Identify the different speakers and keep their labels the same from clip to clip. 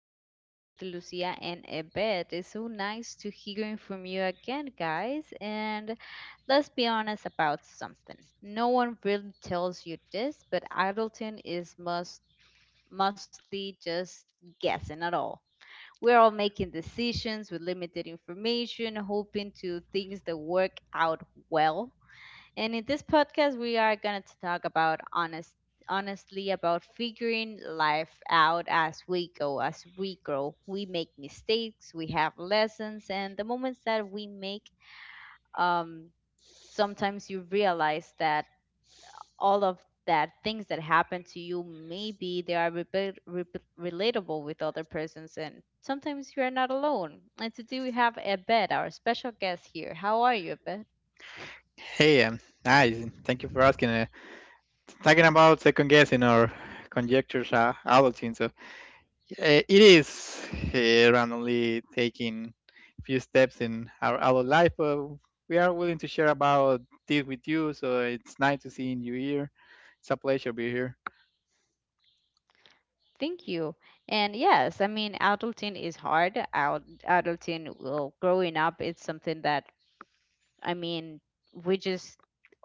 Speaker 1: podcast with Lucia and Ebed. It's so nice to hearing from you again, guys. And let's be honest about something. No one really tells you this, but adulting is must mostly just guessing at all. We're all making decisions with limited information, hoping to things that work out well. And in this podcast, we are going to talk about honestly about figuring life out as we go, as we grow. We make mistakes, we have lessons, and the moments that we make, um, sometimes you realize that all of that things that happen to you, maybe they are relatable with other persons, and sometimes you are not alone. And today we have Abed, our special guest here. How are you, Abed?
Speaker 2: Hey, nice. Thank you for asking. Talking about second guessing or conjectures, Albertine. So it is randomly taking a few steps in our life. We are willing to share about this with you. So it's nice to see you here. It's a pleasure to be here.
Speaker 1: Thank you. And yes, I mean, adulting is hard. Out Adulting, well, growing up, it's something that, I mean, we just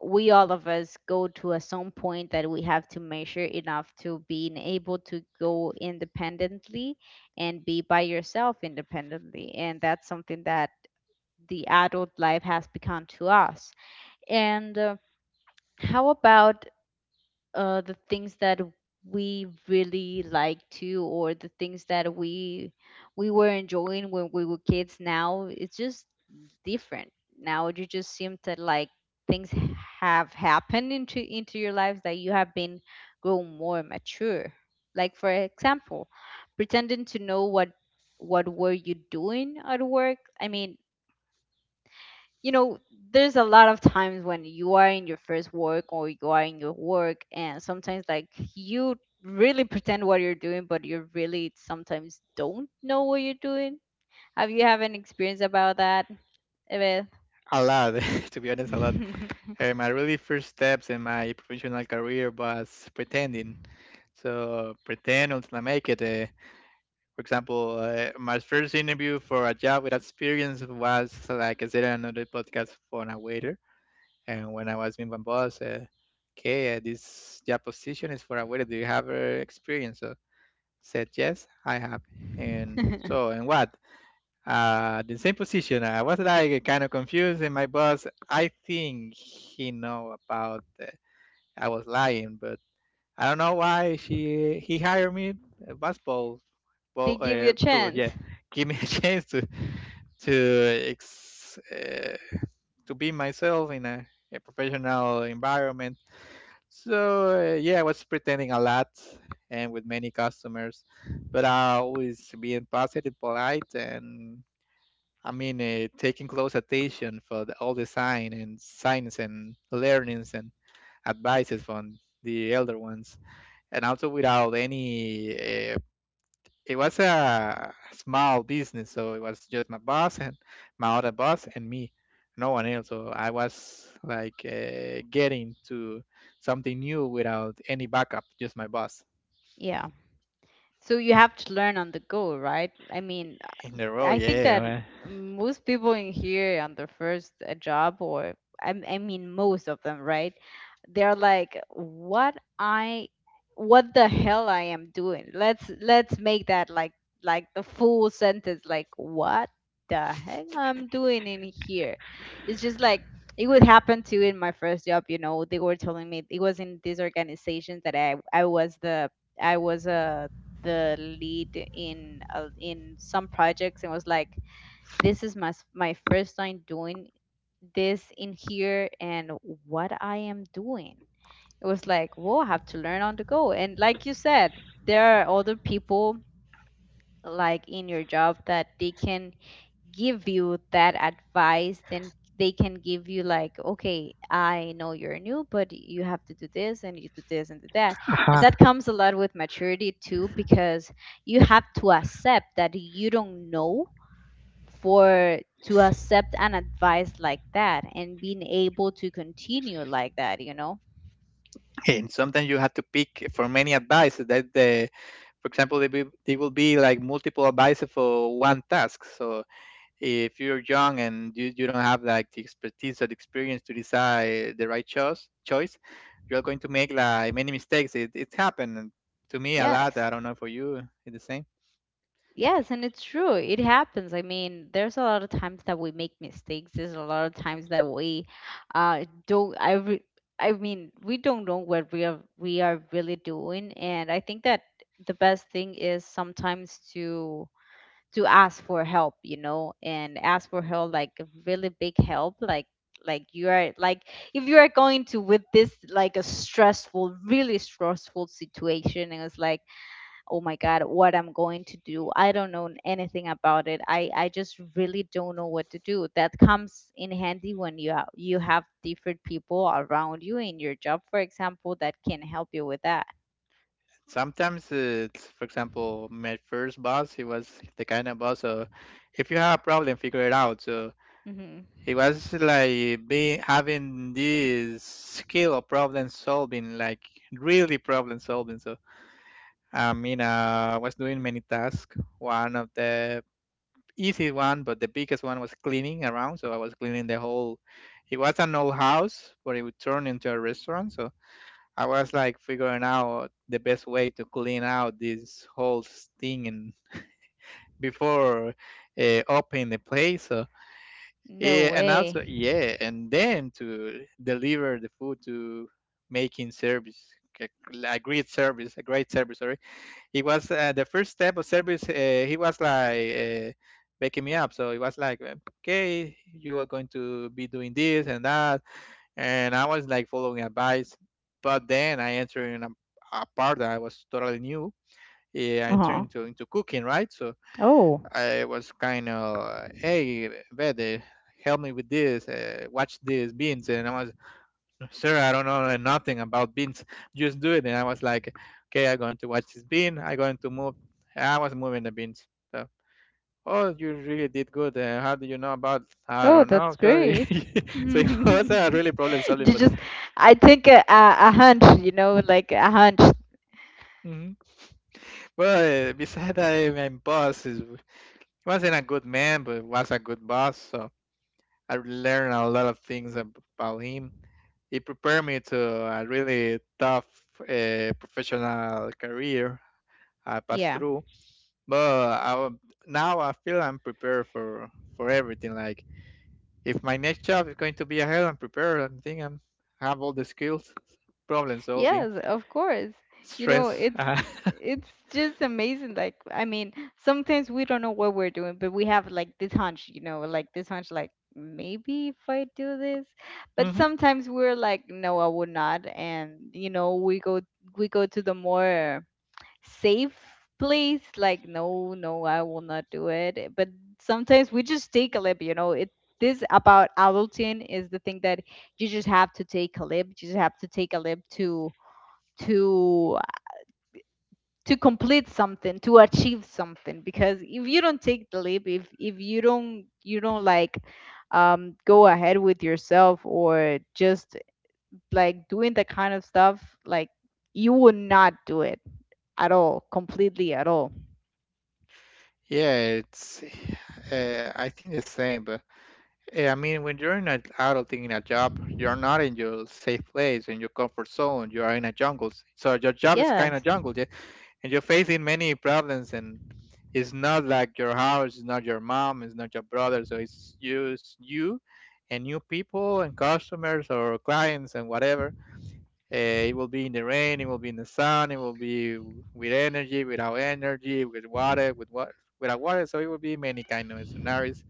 Speaker 1: we all of us go to a some point that we have to measure enough to being able to go independently and be by yourself independently, and that's something that the adult life has become to us. And how about the things that we really like to, or the things that we were enjoying when we were kids, now it's just different. Now you just seem to like things have happened into your lives that you have been grown more mature. Like, for example, pretending to know what were you doing at work. I mean, you know, there's a lot of times when you are in your first work, or you are in your work, and sometimes, like, you really pretend what you're doing, but you really sometimes don't know what you're doing. Have you have an experience about that, Eveth?
Speaker 2: A lot, to be honest, a lot. My really first steps in my professional career was pretending. So pretend until I make it. For example, my first interview for a job with experience was like I said in another podcast for a waiter. And when I was with my boss, okay, this job position is for a waiter. Do you have experience? So said yes, I have. And so, and what? The same position. I was like kind of confused, and my boss, I think he know about. I was lying, but I don't know why she he hired me. It was both
Speaker 1: They
Speaker 2: well
Speaker 1: give you a
Speaker 2: to
Speaker 1: chance.
Speaker 2: yeah give me a chance to to ex- uh, to be myself in a professional environment. Yeah, I was pretending a lot and with many customers, but I always being positive, polite, and I mean taking close attention for all the sign and signs and learnings and advices from the elder ones. And also without any it was a small business, so it was just my boss and my other boss and me, no one else. So I was like getting to something new without any backup, just my boss
Speaker 1: Yeah. So you have to learn on the go, right? I mean,
Speaker 2: in the row.
Speaker 1: I think
Speaker 2: Yeah,
Speaker 1: that
Speaker 2: man.
Speaker 1: most people in here on their first job, or I mean, most of them, right? They're like, "What I, what the hell I am doing?" Let's make that like the full sentence, like, "What the heck I'm doing in here?" It's just like it would happen to in my first job. You know, they were telling me it was in these organizations that I was the I was a the lead in in some projects, and was like, this is my first time doing this in here, and what I am doing. It was like, whoa, I have to learn on the go. And like you said, there are other people, like, in your job that they can give you that advice. Then they can give you like, okay, I know you're new, but you have to do this and you do this and do that. And
Speaker 2: Uh-huh.
Speaker 1: that comes a lot with maturity too, because you have to accept that you don't know, for to accept an advice like that and being able to continue like that, you know.
Speaker 2: And sometimes you had to pick for many advice that the, for example, they, be, they will be like multiple advice for one task. So if you're young and you don't have like the expertise or the experience to decide the right choice, you're going to make like many mistakes. It's happened to me a lot. I
Speaker 1: Yes.
Speaker 2: don't know for you. It's the same.
Speaker 1: Yes, and it's true. It happens. I mean, there's a lot of times that we make mistakes. There's a lot of times that we don't I re- I mean, we don't know what we are really doing, and I think that the best thing is sometimes to ask for help, you know, and ask for help like really big help, like you are like, if you are going to with this like a stressful, really stressful situation, and it's like, oh my god, what I'm going to do, I don't know anything about it, I just really don't know what to do. That comes in handy when you you have different people around you in your job, for example, that can help you with that.
Speaker 2: Sometimes it's for example my first boss, he was the kind of boss, so if you have a problem, figure it out. So
Speaker 1: Hmm.
Speaker 2: it was like being having this skill of problem solving, like really problem solving. So I mean, I was doing many tasks. One of the easy one, but the biggest one was cleaning around. So I was cleaning the whole. It was an old house, but it would turn into a restaurant. So I was like figuring out the best way to clean out this whole thing and before opening the place. So
Speaker 1: No
Speaker 2: yeah, and
Speaker 1: way.
Speaker 2: also yeah, and then to deliver the food to making service, a a great service, a great service. Sorry, it was the first step of service. He was like waking me up, so it was like, okay, you are going to be doing this and that, and I was like following advice. But then I entered in a part that I was totally new. Yeah, I entered
Speaker 1: Uh-huh.
Speaker 2: into cooking, right? So
Speaker 1: Oh.
Speaker 2: I was kind of, hey, Vede, help me with this, watch this, beans. And I was, sir, I don't know nothing about beans, just do it. And I was like, okay, I'm going to watch this bean, I'm going to move. I was moving the beans. So, oh, you really did good. How do you know about? I
Speaker 1: Oh,
Speaker 2: don't know,
Speaker 1: that's
Speaker 2: sorry.
Speaker 1: great.
Speaker 2: So it was really problem solving,
Speaker 1: You
Speaker 2: but
Speaker 1: just, I think a hunch, you know, like a hunch.
Speaker 2: hmm but besides that, wasn't a good man, but was a good boss. So I learned a lot of things about him. It prepared me to a really tough professional career I passed through. But I, wa- Now I feel I'm prepared for everything. Like if my next job is going to be ahead, I'm prepared. I think I'm have all the skills, problem solving,
Speaker 1: Yes, of course. You know,
Speaker 2: stress.
Speaker 1: it's just amazing. Like, I mean, sometimes we don't know what we're doing, but we have like this hunch, you know, like this hunch, like maybe if I do this. But
Speaker 2: Hmm.
Speaker 1: sometimes we're like, no, I would not. And you know, we go to the more safe place. Like, no, no, I will not do it. But sometimes we just take a leap. You know, it this about adulting is the thing that you just have to take a leap. You just have to take a leap to to to complete something to achieve something, because if you don't take the leap, if you don't you don't like go ahead with yourself, or just like doing the kind of stuff like you would not do it at all, completely at all.
Speaker 2: Yeah, it's. I think the same, but I mean, when you're in an adulting in a job, you're not in your safe place, in your comfort zone. You are in a jungle, so your job is kind of
Speaker 1: Yes.
Speaker 2: jungle. And you're facing many problems, and it's not like your house, it's not your mom, it's not your brother. So it's just you and new people and customers or clients and whatever. uh, it will be in the rain, it will be in the sun, it will be with energy, without energy, with water, with what without water. So it will be many kind of scenarios,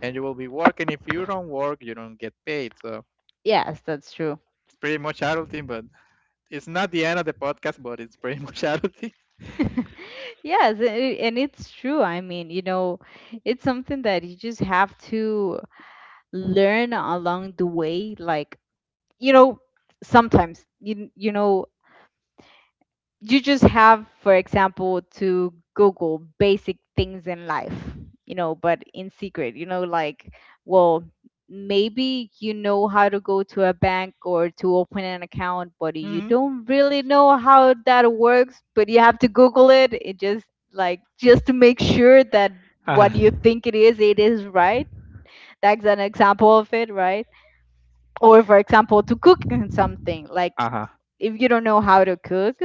Speaker 2: and you will be working. If you don't work, you don't get paid. So
Speaker 1: Yes, that's true.
Speaker 2: it's pretty much adulting, but it's not the end of the podcast, but it's pretty much adulting.
Speaker 1: Yes, and it's true, I mean, you know, it's something that you just have to learn along the way. Like, you know, sometimes you know, you just have, for example, to google basic things in life, you know, but in secret, you know, like, well, maybe you know how to go to a bank or to open an account, but you
Speaker 2: Hmm.
Speaker 1: don't really know how that works, but you have to google It just, like, just to make sure that what you think it is, it is right. That's an example of it, right? Or for example, to cook something, like, if you don't know how to cook,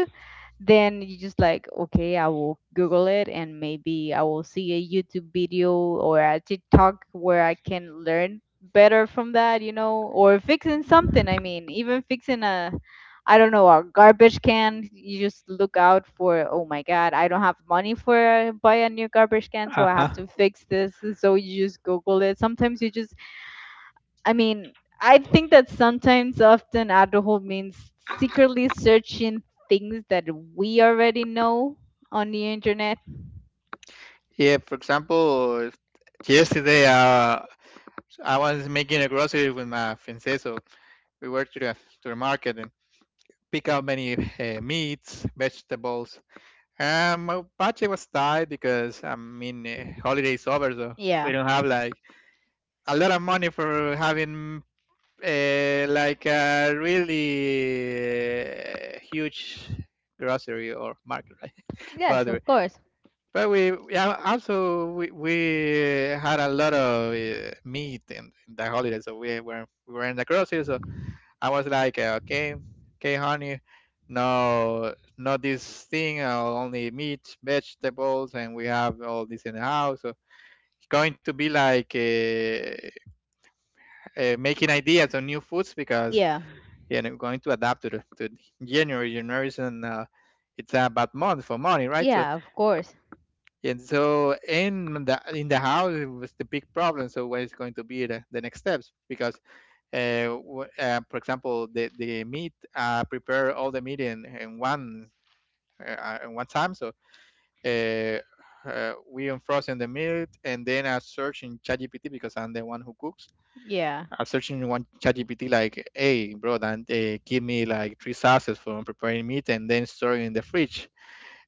Speaker 1: then you just like, okay, I will Google it, and maybe I will see a YouTube video or a TikTok where I can learn better from that, you know, or fixing something. I mean, even fixing a, I don't know, a garbage can, you just look out for, oh my God, I don't have money for buy a new garbage can, so I have
Speaker 2: Uh-huh.
Speaker 1: to fix this. So you just Google it. Sometimes you just, I mean, I think that sometimes often adulthood means secretly searching things that we already know on the internet.
Speaker 2: Yeah, for example, yesterday I was making a grocery with my fiancé. So we went to to the market and pick up many meats, vegetables. And my budget was tight, because I mean holidays over, so we
Speaker 1: Yeah.
Speaker 2: don't have like a lot of money for having like a really huge grocery or market, right?
Speaker 1: Yes,
Speaker 2: But
Speaker 1: of course.
Speaker 2: But we yeah also we had a lot of meat in the holiday, so we were in the grocery. So I was like, okay, honey, no, not this thing. Only meat, vegetables, and we have all this in the house. So it's going to be like making ideas on new foods, because
Speaker 1: Yeah.
Speaker 2: you know going to adapt to to January. January is it's a bad month for money, right? So
Speaker 1: Yeah, of course.
Speaker 2: and so in the house, it was the big problem. So what is going to be the next steps? Because for example, the meat prepare all the meat in one time. So uh, we unfrozen the meat, and then I search in ChatGPT because I'm the one who cooks.
Speaker 1: Yeah.
Speaker 2: I search in one ChatGPT like, hey bro, then give me like three sauces for preparing meat and then store it in the fridge,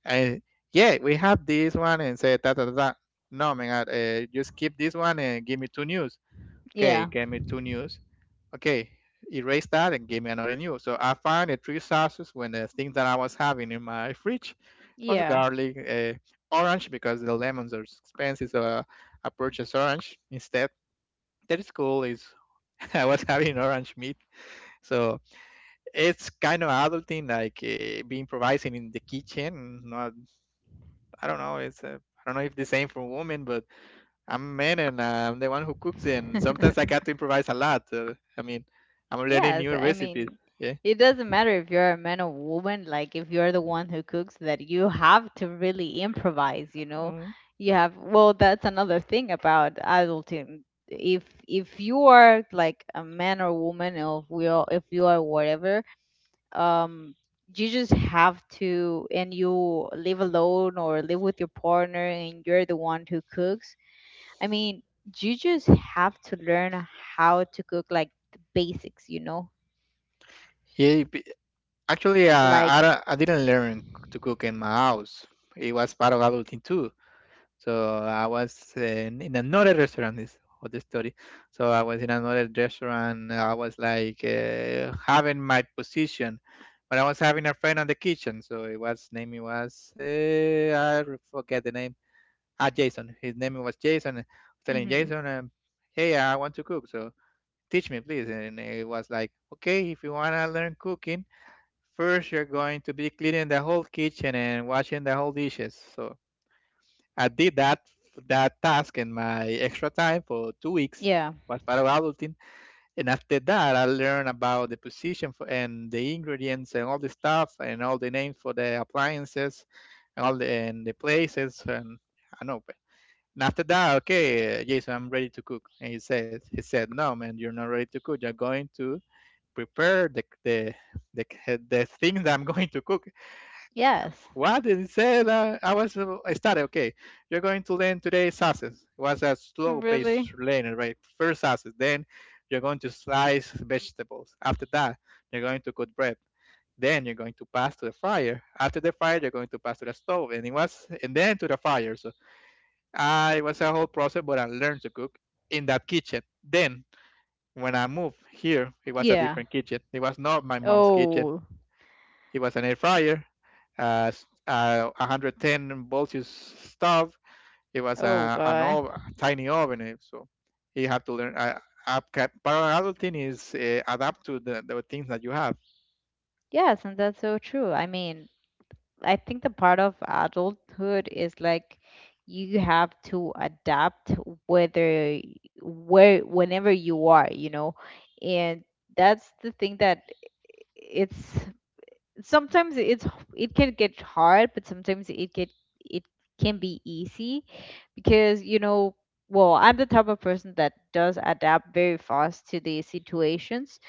Speaker 2: and yeah, we have this one and say da da da da. No, man, just keep this one and give me two news. Okay,
Speaker 1: Yeah.
Speaker 2: give me two news. Okay, erase that and give me another news. So I found the three sauces when the things that I was having in my fridge was
Speaker 1: Yeah.
Speaker 2: garlic, orange, because the lemons are expensive, so I purchased orange instead. That is cool. Is I was having orange meat, so it's kind of adulting, like being improvising in the kitchen, not. I don't know. It's I don't know if the same for women, but I'm a man, and I'm the one who cooks, and sometimes I got to improvise a lot. I mean, I'm learning
Speaker 1: Yes,
Speaker 2: new
Speaker 1: I
Speaker 2: recipes.
Speaker 1: mean,
Speaker 2: Yeah.
Speaker 1: it doesn't matter if you're a man or woman, like if you're the one who cooks, that you have to really improvise, you know.
Speaker 2: Mm.
Speaker 1: You have, well, that's another thing about adulting. If you are like a man or woman, or if we are, if you are whatever, um, you just have to, and you live alone or live with your partner, and you're the one who cooks. I mean, you just have to learn how to cook like the basics, you know.
Speaker 2: Yeah, b- Actually,
Speaker 1: Like,
Speaker 2: I didn't learn to cook in my house. It was part of adulting too. So I was in another restaurant. This other story. So I was in another restaurant. I was like having my position, but I was having a friend on the kitchen. So it was name it was I forget the name. Ah, Jason. His name was Jason. I was telling
Speaker 1: Mm-hmm.
Speaker 2: Jason, hey, I want to cook. So teach me, please. And it was like, okay, if you wanna learn cooking, first you're going to be cleaning the whole kitchen and washing the whole dishes. So I did that task in my extra time for 2 weeks.
Speaker 1: Yeah.
Speaker 2: Was part of adulting, and after that, I learned about the position for, and the ingredients and all the stuff and all the names for the appliances and all the places, and I know. But and after that, okay, Jason, I'm ready to cook. And he said, no, man, you're not ready to cook. You're going to prepare the, the things that I'm going to cook.
Speaker 1: Yes.
Speaker 2: What did it say that I was I started? Okay, you're going to learn today sauces. It was a slow-paced
Speaker 1: Really?
Speaker 2: learning, right? First sauces, then you're going to slice vegetables. After that, you're going to cook bread. Then you're going to pass to the fryer. After the fryer, you're going to pass to the stove, and it was, and then to the fire. So I it was a whole process, but I learned to cook in that kitchen. Then when I moved here, it was a
Speaker 1: Yeah.
Speaker 2: different kitchen. It was not my mom's kitchen.
Speaker 1: Oh.
Speaker 2: It was an air fryer, uh, 110 voltage stove. It was
Speaker 1: Oh
Speaker 2: an
Speaker 1: God.
Speaker 2: tiny oven, eh, so you have to learn. Up, Parallel thing is adapt to the things that you have.
Speaker 1: Yes, and that's so true. I mean, I think the part of adulthood is like you have to adapt whether where whenever you are, you know, and that's the thing that it's, sometimes it can get hard, but sometimes it can be easy, because you know, well, I'm the type of person that does adapt very fast to the situations.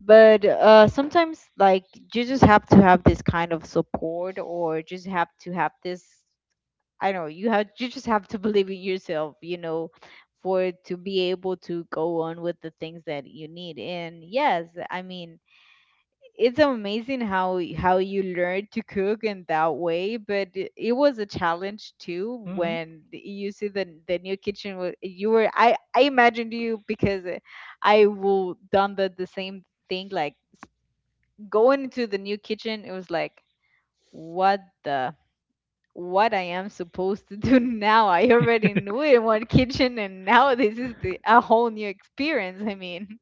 Speaker 1: But sometimes, like, you just have to have this kind of support, or just have to have this, I don't know, you just have to believe in yourself, you know, for to be able to go on with the things that you need. And yes, I mean, it's amazing how how you learn to cook in that way. But it was a challenge too.
Speaker 2: hmm
Speaker 1: When you see the new kitchen, was you were, I imagined you, because I will done the same thing. Like, going into the new kitchen, it was like, what the what I am supposed to do. Now I already knew it in one kitchen, and now this is a whole new experience, I mean.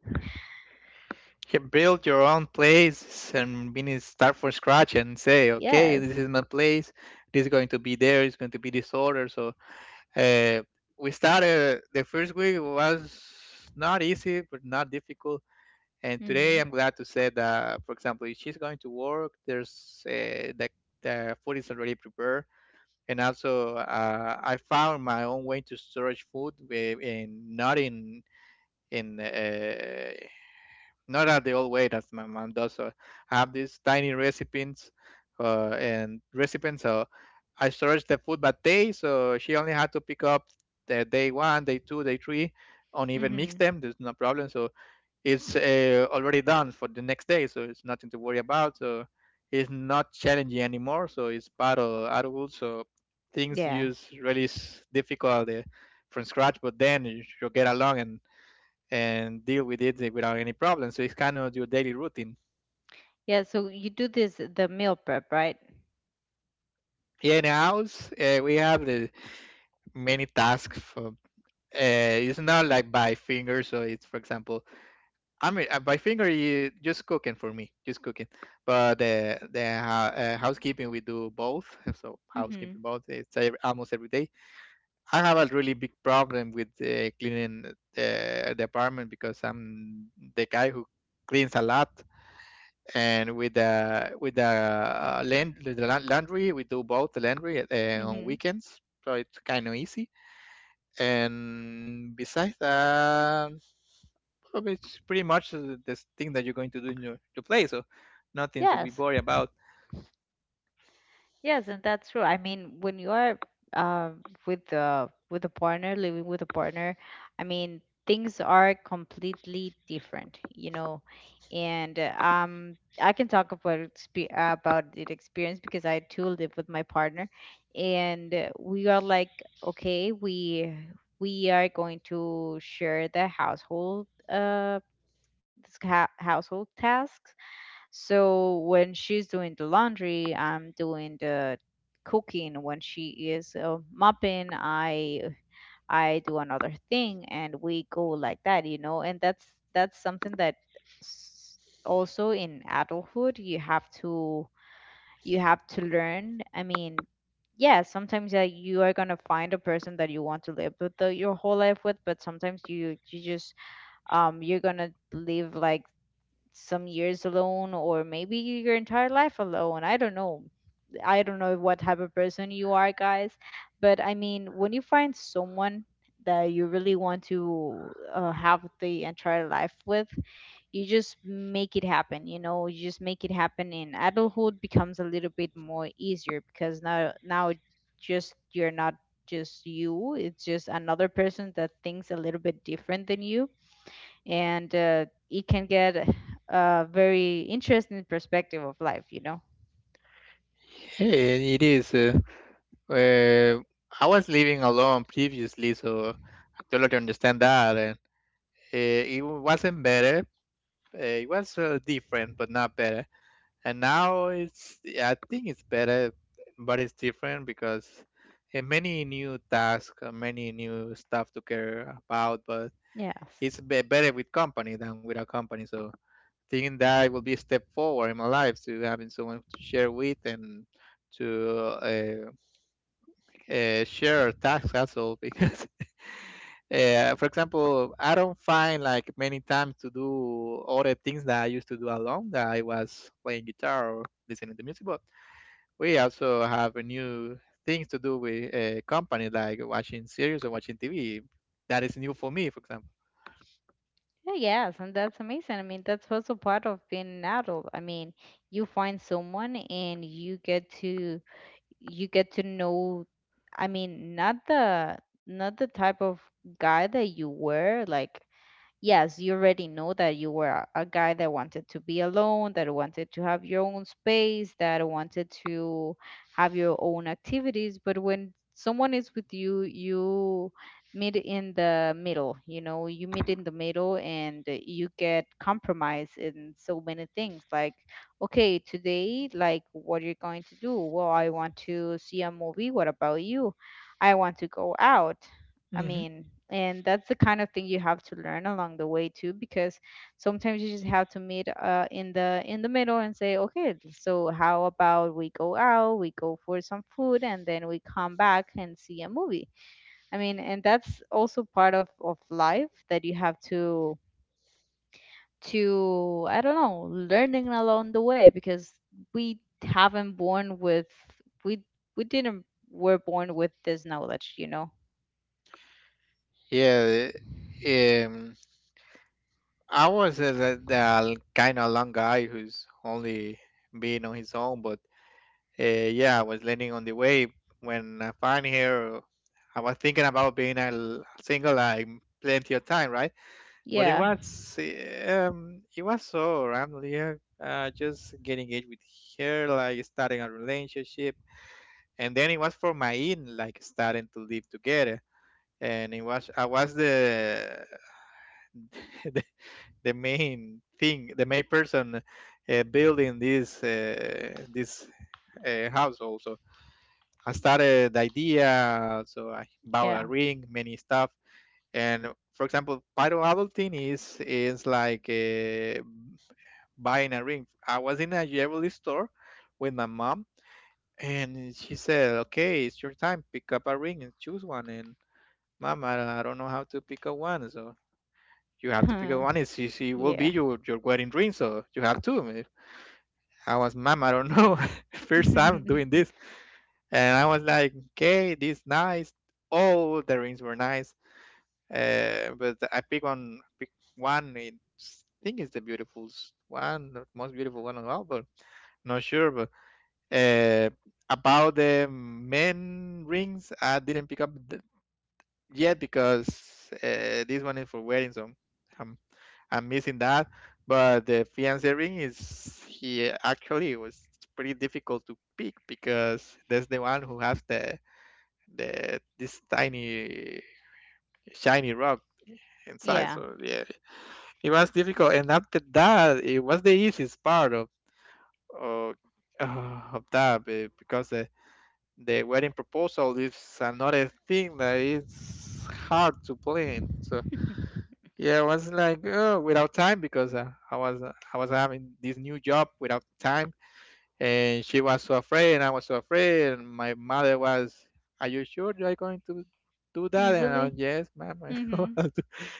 Speaker 2: You build your own place and meaning start from scratch and say, okay,
Speaker 1: Yes.
Speaker 2: this is my place. This is going to be there. It's going to be this order. So Uh, we started the first week was not easy, but not difficult. And today,
Speaker 1: Mhm.
Speaker 2: I'm glad to say that, for example, if she's going to work, there's the food is already prepared. And also, I found my own way to storage food, wi- in not in in not at the old way that my mom does. So I have these tiny recipes and recipes. So I storage the food by day. So she only had to pick up the day one, day two, day three, and even mix
Speaker 1: Mhm.
Speaker 2: them. There's no problem. So it's already done for the next day. So it's nothing to worry about. So it's not challenging anymore. So it's part of adulthood. So things
Speaker 1: Yes.
Speaker 2: use really difficult from scratch, but then you get along and deal with it without any problem. So it's kind of your daily routine.
Speaker 1: Yeah, so you do this the meal prep, right?
Speaker 2: Here in the house, we have the many tasks. For, it's not like by finger. So it's, for example, I mean, by finger, you just cooking for me, just cooking. But the housekeeping, we do both. So
Speaker 1: Mhm.
Speaker 2: housekeeping both. It's almost every day. I have a really big problem with cleaning the apartment because I'm the guy who cleans a lot and with the laundry we do both the laundry on
Speaker 1: Mhm.
Speaker 2: weekends, so it's kind of easy, and besides that probably it's pretty much the thing that you're going to do in your to play, so nothing to be
Speaker 1: Yes,
Speaker 2: worried about.
Speaker 1: yes, and that's true. I mean, when you are uh, with a partner, living with a partner, I mean, things are completely different, you know. And I can talk about about the experience, because I too live with my partner, and we are like, okay, we are going to share the household. This household tasks. So when she's doing the laundry, I'm doing the cooking. When she is mopping, I do another thing, and we go like that, you know. And that's something that s- also in adulthood you have to learn. I mean, yeah, sometimes you are gonna find a person that you want to live with the, your whole life with, but sometimes you you just you're gonna live like some years alone, or maybe your entire life alone. I don't know. I don't know what type of person you are, guys. But I mean, when you find someone that you really want to have the entire life with, you just make it happen. You just make it happen. And adulthood becomes a little bit more easier because now just you're not just you, it's just another person that thinks a little bit different than you and it can get a very interesting perspective of life, you know?
Speaker 2: Hey, it is uh, I was living alone previously, so I totally understand that. And it wasn't better. It was different, but not better. And now it's, yeah, I think it's better, but it's different because, many new tasks, many new stuff to care about. But
Speaker 1: Yes.
Speaker 2: better with company than without company, so thinking that will be a step forward in my life to having someone to share with and to share tasks also because for example, I don't find like many times to do all the things that I used to do alone, that I was playing guitar or listening to music. But we also have a new things to do with a company like watching series or watching TV. That is new for me, for example.
Speaker 1: Yeah, yes, and that's amazing. I mean, that's also part of being an adult. I mean, you find someone and you get to know. I mean, not the type of guy that you were like. Yes, you already know that you were a guy that wanted to be alone, that wanted to have your own space, that wanted to have your own activities. But when someone is with you, you meet in the middle, you meet in the middle and you get compromised in so many things. Like, okay, today, like, what are you going to do? Well, I want to see a movie. What about you? I want to go out. I
Speaker 2: hmm
Speaker 1: mean, and that's the kind of thing you have to learn along the way too, because sometimes you just have to meet in the middle and say, okay, so how about we go out, we go for some food, and then we come back and see a movie. I mean, and that's also part of life that you have to I don't know, learning along the way because we haven't born with we we didn't were born with this knowledge.
Speaker 2: Yeah, um, I was the kind of long guy who's only being on his own, but Uh, yeah, I was landing on the way when I find here. I was thinking about being a single like plenty of time, right? But it
Speaker 1: Yeah,
Speaker 2: was it was so random. Yeah, just getting engaged with her, like starting a relationship, and then it was for my in, like starting to live together. And it was I was the the, the main thing, the main person building this house. I started the idea, so I bought a
Speaker 1: yeah.
Speaker 2: ring, many stuff. And for example, part of adulting is like buying a ring. I was in a jewelry store with my mom, and she said, "Okay, it's your time. Pick up a ring and choose one." And mom, I don't know how to pick up one, so you have to pick up one. It's, she will
Speaker 1: Yeah.
Speaker 2: be your wedding ring, so you have to. I was, mom, I don't know. First time doing this. And I was like, okay, this nice. All the rings were nice. But I pick one, pick one. It, I think it's one, the most beautiful one of all, but not sure. But uh, about the men rings, I didn't pick up th- yet, because this one is for wedding, so I'm, I'm missing that. But the fiancé ring is, he actually was pretty difficult to pick, because that's the one who has the that this tiny shiny rock inside.
Speaker 1: Yeah.
Speaker 2: So yeah, it was difficult. And after that, it was the easiest part of of, because the wedding proposal is another thing that is hard to plan. So yeah, I was like oh, without time because I was having this new job without time. And she was so afraid and I was so afraid and my mother was, are you sure you are going to do that?
Speaker 1: Mm.
Speaker 2: And I
Speaker 1: Really?
Speaker 2: was, yes ma'am, I will
Speaker 1: Mm-hmm.
Speaker 2: do."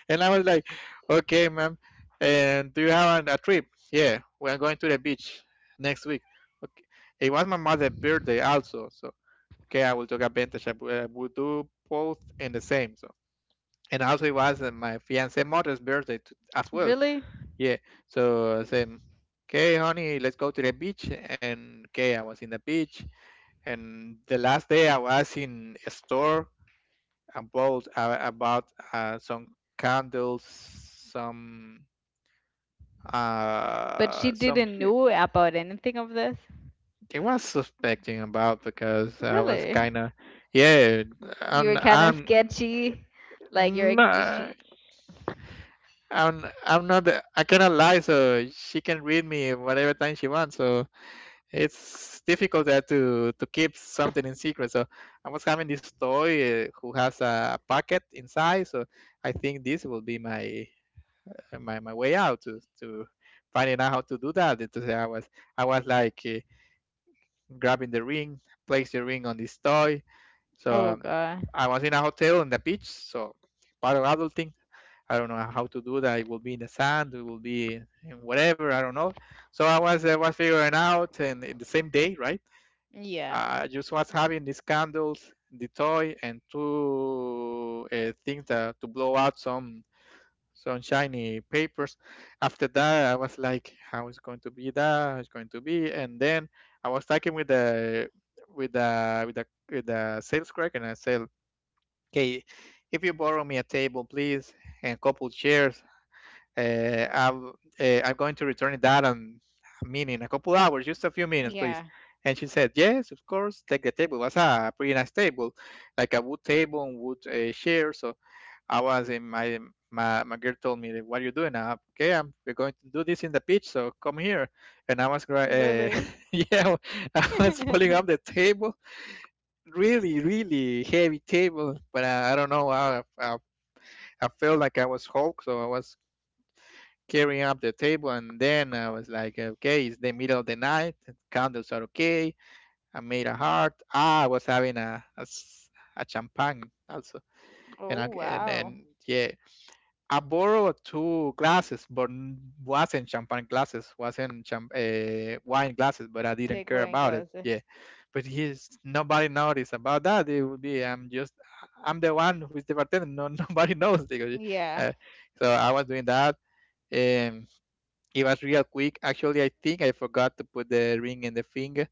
Speaker 2: And I was like, okay ma'am, and do you have a trip? Yeah, we're going to the beach next week. Okay. It was my mother's birthday also, so okay, I will take advantage I will I will do both in the same. So and also it was my fiance mother's birthday too as well.
Speaker 1: Really?
Speaker 2: Yeah. So same. Okay, honey, let's go to the beach. And okay, I was in the beach. And the last day I was in a store and bought about some candles, some
Speaker 1: But she
Speaker 2: uh some
Speaker 1: didn't
Speaker 2: thi-
Speaker 1: know about anything of this?
Speaker 2: it was suspecting about because I was
Speaker 1: Really?
Speaker 2: kind of, yeah,
Speaker 1: You were
Speaker 2: I'm
Speaker 1: kind of
Speaker 2: I'm
Speaker 1: sketchy. Like you're. She.
Speaker 2: not I'm not I cannot lie, so she can read me whatever time she wants, so it's difficult there to keep something in secret. So I was having this toy who has a pocket inside. So I think this will be my way out to finding out how to do that. And to say I was like grabbing the ring, place the ring on this toy. So
Speaker 1: Oh God.
Speaker 2: I was in a hotel on the beach. So part of adulting. I don't know how to do that. It will be in the sand. It will be in whatever. I don't know. So I was figuring out, and in the same day, right?
Speaker 1: Yeah.
Speaker 2: I just was having these candles, the toy, and two things that, to blow out some shiny papers. After that, I was like, "How is going to be that? How is going to be?" And then I was talking with the sales clerk, and I said, "Okay, if you borrow me a table, please, and a couple chairs, uh, I'm, I'm going to return that on a minute, in a couple hours, just a few minutes,
Speaker 1: Yeah.
Speaker 2: please. And she said, yes, of course, take the table. It was a pretty nice table, like a wood table and wood chair. So I was in my girl told me, what are you doing? Okay, I'm, we're going to do this in the pitch. So come here. And I was, yeah, I was pulling up the table, really, really heavy table. But I don't know, I felt like I was Hulk, so I was carrying up the table, and then I was like, okay, it's the middle of the night, candles are okay. I made a heart. Ah, I was having a champagne also, and
Speaker 1: Oh
Speaker 2: I,
Speaker 1: wow.
Speaker 2: and yeah, I borrowed two glasses, but wasn't champagne glasses, wasn't champ- wine glasses, but I
Speaker 1: They're
Speaker 2: didn't care
Speaker 1: going
Speaker 2: about it.
Speaker 1: glasses.
Speaker 2: Yeah, but he's nobody noticed about that. It would be I'm the one who's the bartender. No, nobody knows because
Speaker 1: Yeah.
Speaker 2: uh, so I was doing that. Um, it was real quick. Actually, I think I forgot to put the ring in the finger.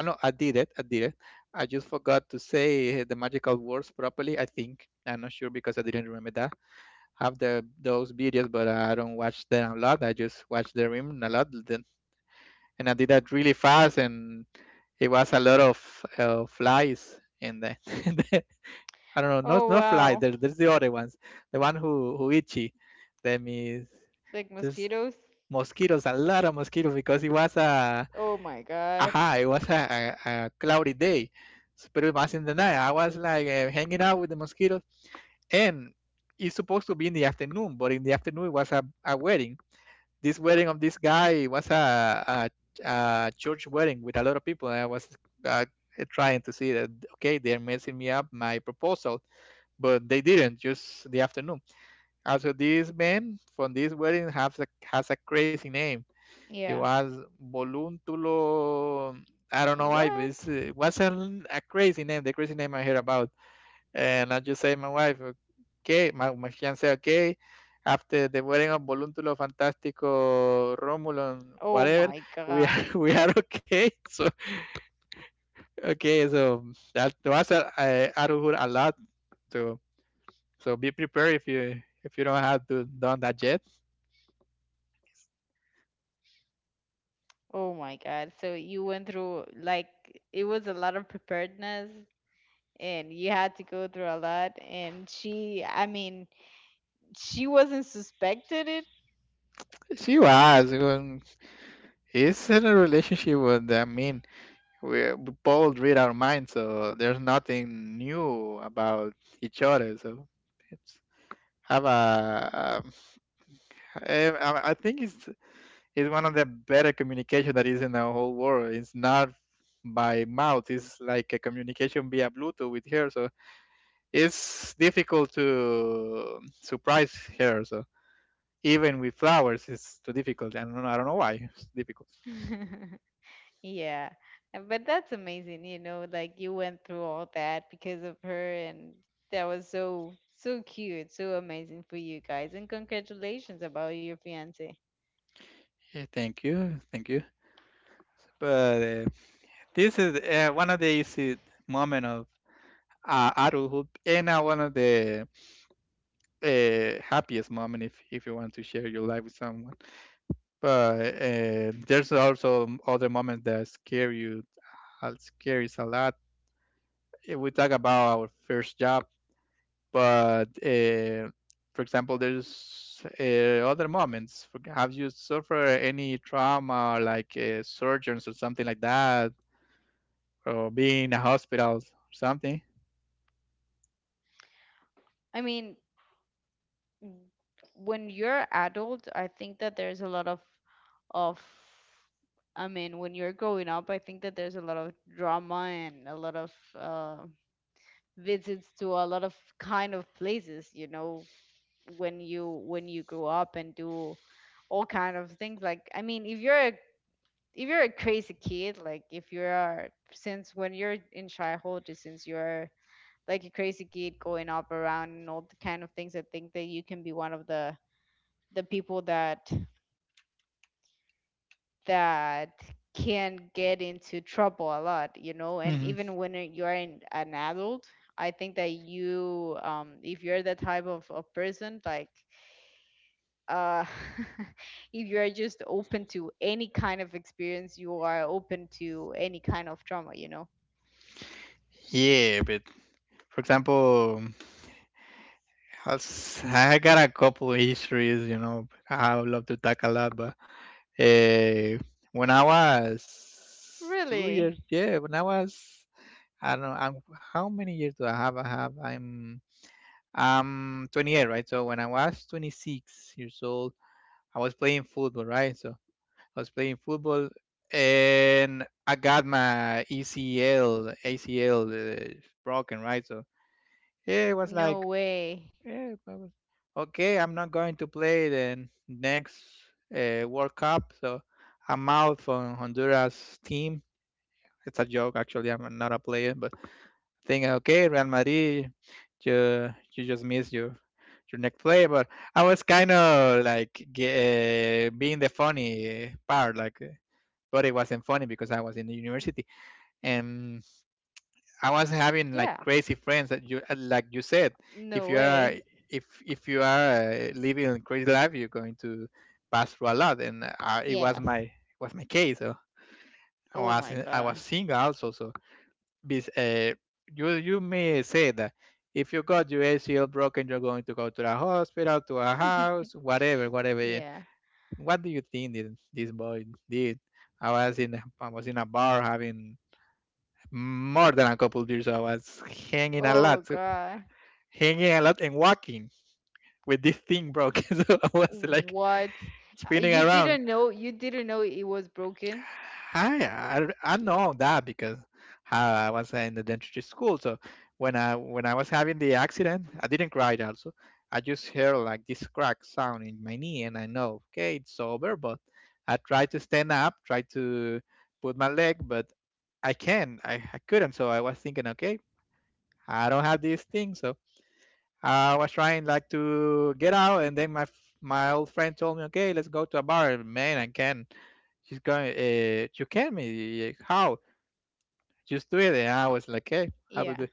Speaker 2: Oh, no, I did it. I did it. I just forgot to say the magical words properly. I think I'm not sure because I didn't remember that. I have the those videos, but I don't watch them a lot. I just watch the rim a lot. Then, and I did that really fast, and it was a lot of flies in the, in the- I don't know,
Speaker 1: Oh
Speaker 2: not flies.
Speaker 1: wow.
Speaker 2: There's the other ones. The one who itchy. That means.
Speaker 1: Like
Speaker 2: There's
Speaker 1: mosquitoes?
Speaker 2: Mosquitoes, a lot of mosquitoes, because it was a,
Speaker 1: Oh my God.
Speaker 2: aha, it was a cloudy day. So, but pretty much in the night. I was like hanging out with the mosquitoes, and it's supposed to be in the afternoon, but in the afternoon it was a wedding. This wedding of this guy was a, a church wedding with a lot of people, and I was uh, trying to see that, okay, they're messing me up my proposal, but they didn't. Just the afternoon. Also, this man from this wedding has a crazy name. He
Speaker 1: Yeah.
Speaker 2: was Voluntulo. I don't know why, but
Speaker 1: What?
Speaker 2: it's, it was a crazy name, the crazy name I heard about. And I just say my wife, okay, my fiance, okay, after the wedding of Voluntulo, Fantástico, Romulan,
Speaker 1: Oh
Speaker 2: whatever,
Speaker 1: my God.
Speaker 2: we are okay. So that was a adulthood a lot. So, so be prepared if you don't have to done that yet.
Speaker 1: Oh my God. So you went through like it was a lot of preparedness and you had to go through a lot and she I mean she wasn't suspected it.
Speaker 2: She was. It's in a relationship with, I mean, we both read our minds, so there's nothing new about each other. So it's have a, I think it's one of the better communication that is in the whole world. It's not by mouth. It's like a communication via Bluetooth with her. So it's difficult to surprise her. So even with flowers, it's too difficult. I don't know. I don't know why it's difficult.
Speaker 1: Yeah. But that's amazing, like you went through all that because of her and that was so so cute, so amazing for you guys and congratulations about your fiance.
Speaker 2: Yeah, thank you. But This is one of these moment of adulthood, and one of the happiest moment if you want to share your life with someone. But there's also other moments that scare you, scares a lot. We talk about our first job, but for example, there's other moments. Have you suffered any trauma, like surgeons or something like that, or being in a hospital or something?
Speaker 1: I mean, w- when you're adult, I think that there's a lot of I mean, when you're growing up, I think that there's a lot of drama and a lot of uh, visits to a lot of kind of places, when you grow up and do all kind of things like I mean, if you're a crazy kid, like if you're since when you're in childhood, since you're like a crazy kid going up around and all the kind of things, I think that you can be one of the people that can get into trouble a lot, and even when you're an adult, I think that you if you're the type of person like uh if you're just open to any kind of experience, you are open to any kind of trauma.
Speaker 2: Yeah, but for example, I got a couple of histories, you know, I would love to talk a lot, but uh, when I was two
Speaker 1: Really?
Speaker 2: years, yeah, when I was, I don't know, how many years do I have? I'm 28, right? So when I was 26 years old, I was playing football, right? So I was playing football and I got my ACL broken, right? So yeah, it was
Speaker 1: No
Speaker 2: like,
Speaker 1: way.
Speaker 2: yeah, okay, I'm not going to play the next World Cup, so I'm out from Honduras team. It's a joke, actually. I'm not a player, but I think okay, Real Madrid, you just missed your next play. But I was kind of like being the funny part, but it wasn't funny because I was in the university and I was having like
Speaker 1: Yeah.
Speaker 2: crazy friends that you like you said
Speaker 1: No
Speaker 2: if you
Speaker 1: way.
Speaker 2: are if you are living a crazy life you're going to pass through a lot and
Speaker 1: Yes.
Speaker 2: it was my case so
Speaker 1: Oh my
Speaker 2: I
Speaker 1: God.
Speaker 2: was single also so this, you you may say that if you got your ACL broken you're going to go to the hospital to a house whatever whatever
Speaker 1: Yeah.
Speaker 2: what do you think this, this boy did I was in a bar having more than a couple beers. So I was hanging a
Speaker 1: Oh
Speaker 2: lot so
Speaker 1: God.
Speaker 2: hanging a lot and walking with this thing broke. So I was like
Speaker 1: What?
Speaker 2: spinning
Speaker 1: You
Speaker 2: around.
Speaker 1: didn't know? You didn't know it was broken?
Speaker 2: I I know that because I was in the dentistry school. So when I was having the accident, I didn't cry. Also, I just hear like this crack sound in my knee, and I know okay it's over. But I tried to stand up, tried to put my leg, but I can I couldn't. So I was thinking, okay, I don't have this thing, so I was trying like to get out, and then my old friend told me, "Okay, let's go to a bar." Man, I can. She's going. You can me? How? Just do it. And I was like, "Okay, I will
Speaker 1: Yeah.
Speaker 2: do." it."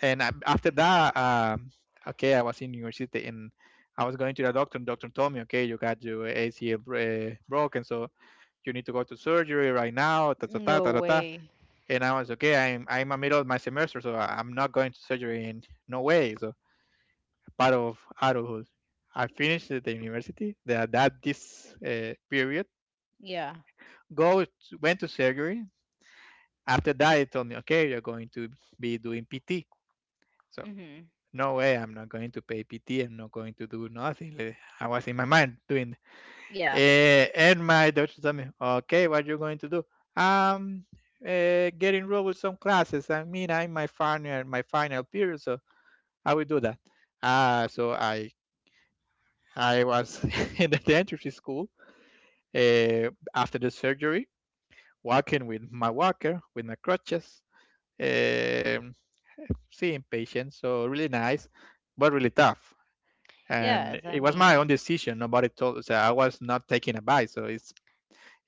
Speaker 2: And I, after that, okay, I was in university and I was going to the doctor. And doctor told me, "Okay, you got your ACL broken, so you need to go to surgery right now." Ta ta ta
Speaker 1: No
Speaker 2: ta ta. Ta."
Speaker 1: way.
Speaker 2: And I was okay. I'm in the middle of my semester, so I'm not going to surgery in no way. So part of adulthood. I finished the university that that this period.
Speaker 1: Yeah.
Speaker 2: Go to- Went to surgery. After that, they told me, okay, you're going to be doing PT. So
Speaker 1: Mhm.
Speaker 2: no way, I'm not going to pay PT. I'm not going to do nothing. Like, I was in my mind doing.
Speaker 1: Yeah.
Speaker 2: And my doctor told me, okay, what you're going to do? Um, get enrolled with some classes. I mean, I'm my final period, so I will do that. Uh, so I I was in the dentistry school uh, after the surgery, walking with my walker, with my crutches, um, seeing patients. So really nice, but really tough. And
Speaker 1: Yes,
Speaker 2: it
Speaker 1: I
Speaker 2: was my own
Speaker 1: mean,
Speaker 2: decision. Nobody told us. I was not taking advice. So it's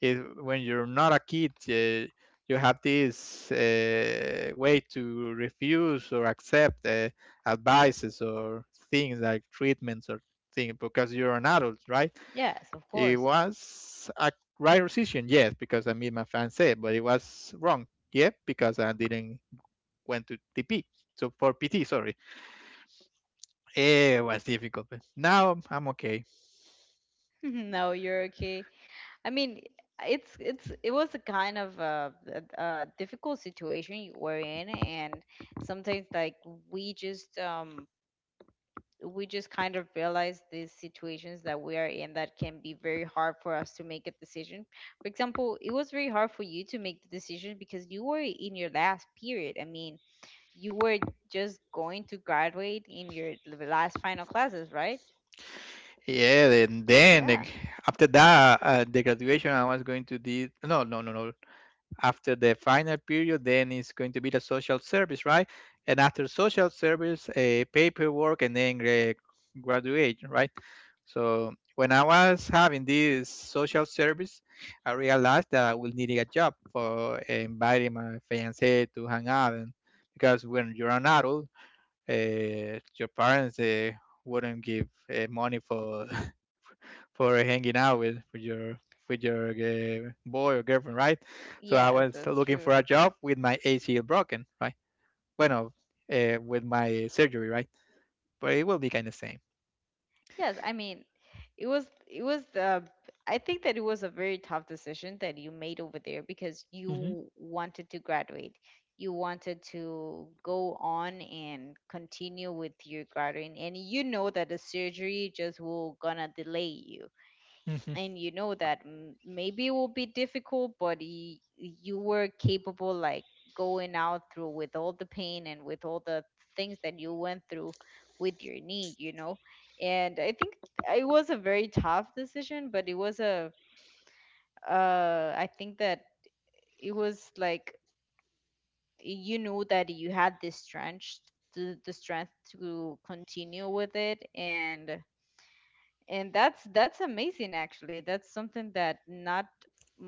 Speaker 2: it, when you're not a kid, you have this way to refuse or accept advices or things like treatments or things because you're an adult, right?
Speaker 1: yes, of
Speaker 2: It
Speaker 1: course.
Speaker 2: was a right decision, yes, because I made my fan say, but it was wrong, yeah, because I didn't went to TP. So for PT, sorry, it was difficult. But now I'm okay.
Speaker 1: No, you're okay. I mean, it was a kind of a difficult situation you were in, and sometimes like we just um we just kind of realize these situations that we are in that can be very hard for us to make a decision. For example, it was very hard for you to make the decision because you were in your last period. I mean, you were just going to graduate in your last final classes, right?
Speaker 2: Yeah, and then
Speaker 1: Yeah.
Speaker 2: after that, the graduation, I was going to do. No, no, no, no. After the final period, then it's going to be the social service, right? And after social service, paperwork, and then graduation, right? So when I was having this social service, I realized that I will need a job for inviting my fiance to hang out, and because when you're an adult, your parents wouldn't give money for for hanging out with with your boy or girlfriend, right? So I
Speaker 1: Yes,
Speaker 2: was
Speaker 1: that's
Speaker 2: looking for
Speaker 1: true.
Speaker 2: a job with my ACL broken, right? Bueno, with my surgery, right? But it will be kind of same.
Speaker 1: Yes, I mean, it was the I think that it was a very tough decision that you made over there because you wanted to graduate. You wanted to go on and continue with your graduating, and you know that the surgery just will gonna delay you,
Speaker 2: Hmm.
Speaker 1: and you know that maybe it will be difficult, but you were capable like going out through with all the pain and with all the things that you went through with your knee, and I think it was a very tough decision, but it was a I think that it was like you knew that you had this strength, the strength to continue with it, and that's amazing actually. That's something that not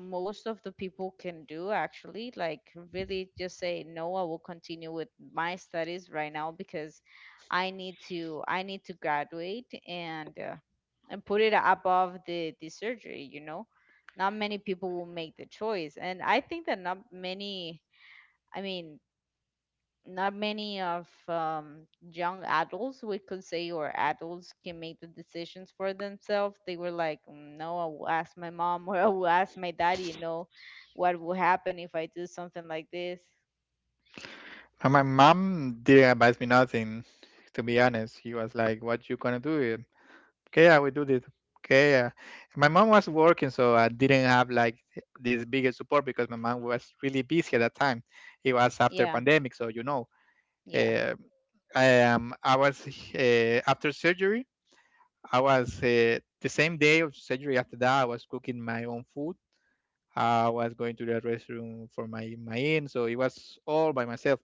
Speaker 1: most of the people can do actually, like really just say no, I will continue with my studies right now because I need to graduate, and put it above the surgery, you know. Not many people will make the choice, and I think that not many I mean not many of young adults we could say, or adults, can make the decisions for themselves. They were like, "Mm, no, I will ask my mom or I will ask my daddy, what will happen if I do something like this."
Speaker 2: And my mom didn't advise me nothing, to be honest. She was like, "What you gonna do? It? Okay, I will do this. Okay, yeah." My mom was working, so I didn't have like this biggest support because my mom was really busy at that time. It was after
Speaker 1: Yeah.
Speaker 2: pandemic, so you know,
Speaker 1: Yeah.
Speaker 2: uh, I was after surgery. I was the same day of surgery. After that, I was cooking my own food. I was going to the restroom for my my in, so it was all by myself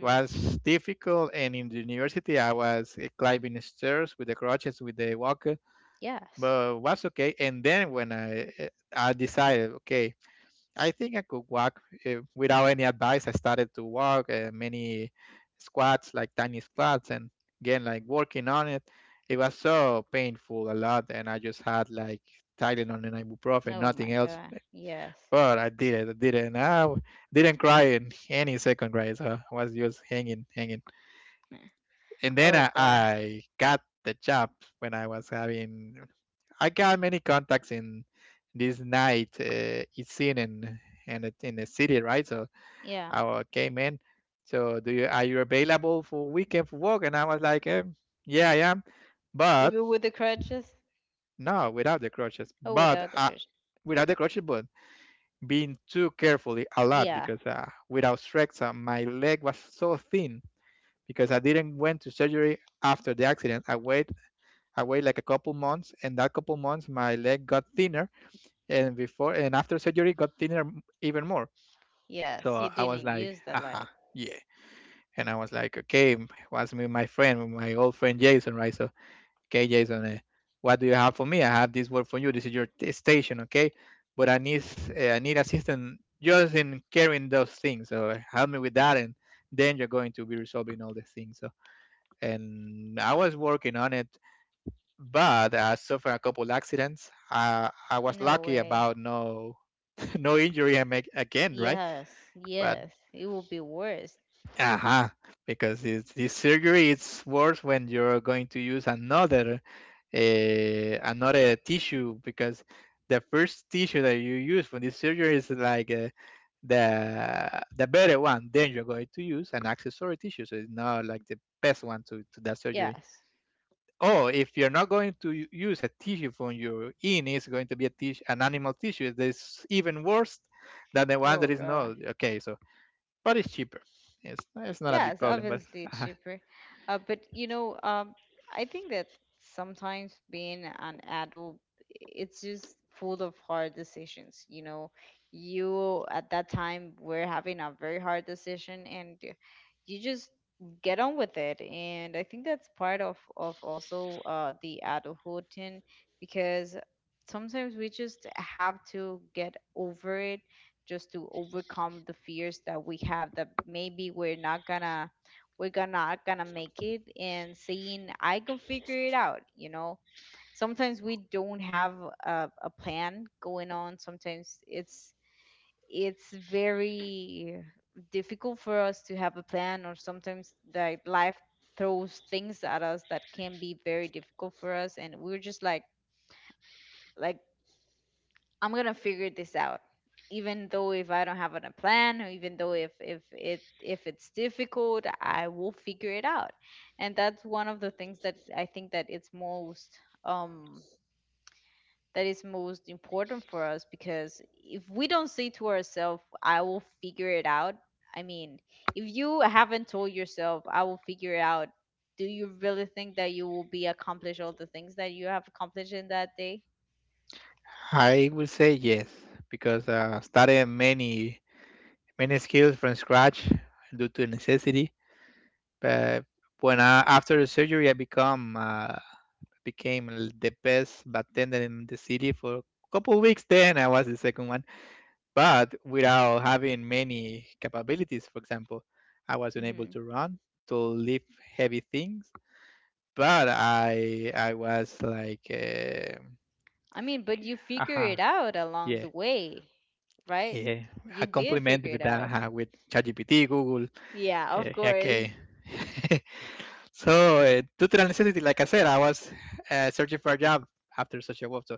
Speaker 1: Mm-hmm.
Speaker 2: difficult, and in the university I was climbing stairs with the crutches, with the walker,
Speaker 1: Yes.
Speaker 2: but was okay. And then when I decided, okay, I think I could walk without any advice. I started to walk many squats, like tiny squats, and again, like working on it. It was so painful a lot, and I just had like Tylenol and ibuprofen,
Speaker 1: Oh
Speaker 2: nothing
Speaker 1: my
Speaker 2: else.
Speaker 1: God. Yes.
Speaker 2: But I did it. I did it. And didn't cry in any second grade. So I was just hanging, hanging and then
Speaker 1: Oh God.
Speaker 2: I got the job when I was having. I got many contacts in this night it's seen in in the city, right? So
Speaker 1: Yeah.
Speaker 2: came in. So do you are you available for weekend for work? And I was like, yeah, I am, but
Speaker 1: Even with the crutches.
Speaker 2: no, without the crutches.
Speaker 1: Oh,
Speaker 2: But
Speaker 1: without the crutches.
Speaker 2: without the crutches, but being too carefully a lot
Speaker 1: Yeah.
Speaker 2: because without strength, my leg was so thin because I didn't went to surgery after the accident. I waited like a couple months, and that couple months my leg got thinner, and before and after surgery got thinner even more.
Speaker 1: Yes,
Speaker 2: So
Speaker 1: you
Speaker 2: I was
Speaker 1: didn't
Speaker 2: like,
Speaker 1: use the
Speaker 2: aha,
Speaker 1: leg.
Speaker 2: yeah. And I was like, okay, was with my friend, my old friend Jason, right? So, okay, Jason, what do you have for me? I have this work for you. This is your station, okay? But I need assistance just in carrying those things. So help me with that, and then you're going to be resolving all the things. So and I was working on it but I suffered a couple accidents. I was
Speaker 1: No
Speaker 2: lucky about
Speaker 1: way.
Speaker 2: no no injury I make again, right?
Speaker 1: Yes.
Speaker 2: But
Speaker 1: Yes, it will be worse.
Speaker 2: aha, because it's, this surgery it's worse when you're going to use another another tissue because the first tissue that you use for this surgery is like the the better one. Then you're going to use an accessory tissue, so it's not like the best one to that surgery.
Speaker 1: Yes.
Speaker 2: Oh, if you're not going to use a tissue from your in, it's going to be a tissue, an animal tissue. That's even worse than the one that is
Speaker 1: Oh
Speaker 2: not.
Speaker 1: God.
Speaker 2: Okay, so but it's cheaper. It's not a big
Speaker 1: Yes,
Speaker 2: problem, but
Speaker 1: obviously
Speaker 2: uh,
Speaker 1: it's cheaper. But I think that sometimes being an adult, it's just full of hard decisions. You at that time were having a very hard decision, and you just get on with it. And I think that's part of also the adulthood thing because sometimes we just have to get over it just to overcome the fears that we have, that maybe we're not gonna we're gonna not gonna make it, and saying I can figure it out. Sometimes we don't have a plan going on. Sometimes it's very difficult for us to have a plan, or sometimes that life throws things at us that can be very difficult for us, and we're just like like I'm gonna figure this out, even though if I don't have a plan, or even though if it's difficult, I will figure it out. And that's one of the things that I think that it's most um that is most important for us, because if we don't say to ourselves, "I will figure it out," I mean, if you haven't told yourself, "I will figure it out," do you really think that you will be accomplished all the things that you have accomplished in that day?
Speaker 2: I would say yes because started many many skills from scratch due to necessity. But when I, after the surgery, I become became the best bartender in the city for a couple of weeks. Then I was the second one, but without having many capabilities. For example, I wasn't able to
Speaker 1: Mm-hmm.
Speaker 2: run, to lift heavy things, but I was like,
Speaker 1: I mean, but you figure
Speaker 2: aha,
Speaker 1: it out
Speaker 2: yeah,
Speaker 1: along the way, right?
Speaker 2: yeah. I
Speaker 1: You did
Speaker 2: compliment with
Speaker 1: figure it
Speaker 2: that
Speaker 1: out.
Speaker 2: uh, with ChatGPT, Google,
Speaker 1: Yeah, of
Speaker 2: okay.
Speaker 1: course.
Speaker 2: So due to the necessity, like I said, I was searching for a job after social work. So,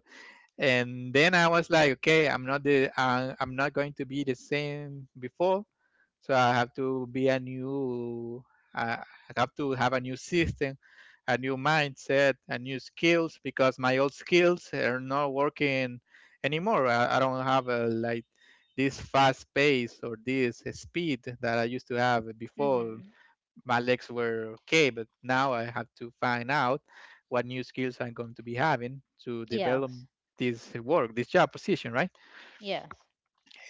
Speaker 2: and then I was like, okay, I'm not I'm not going to be the same before. So I have to be a new, I I have to have a new system, a new mindset, and new skills because my old skills are not working anymore. I don't have a, like, this fast pace or this speed that I used to have before.
Speaker 1: Mm-hmm.
Speaker 2: My legs were okay, but now I have to find out what new skills I'm going to be having to develop
Speaker 1: Yes.
Speaker 2: this work, this job position, right?
Speaker 1: Yes.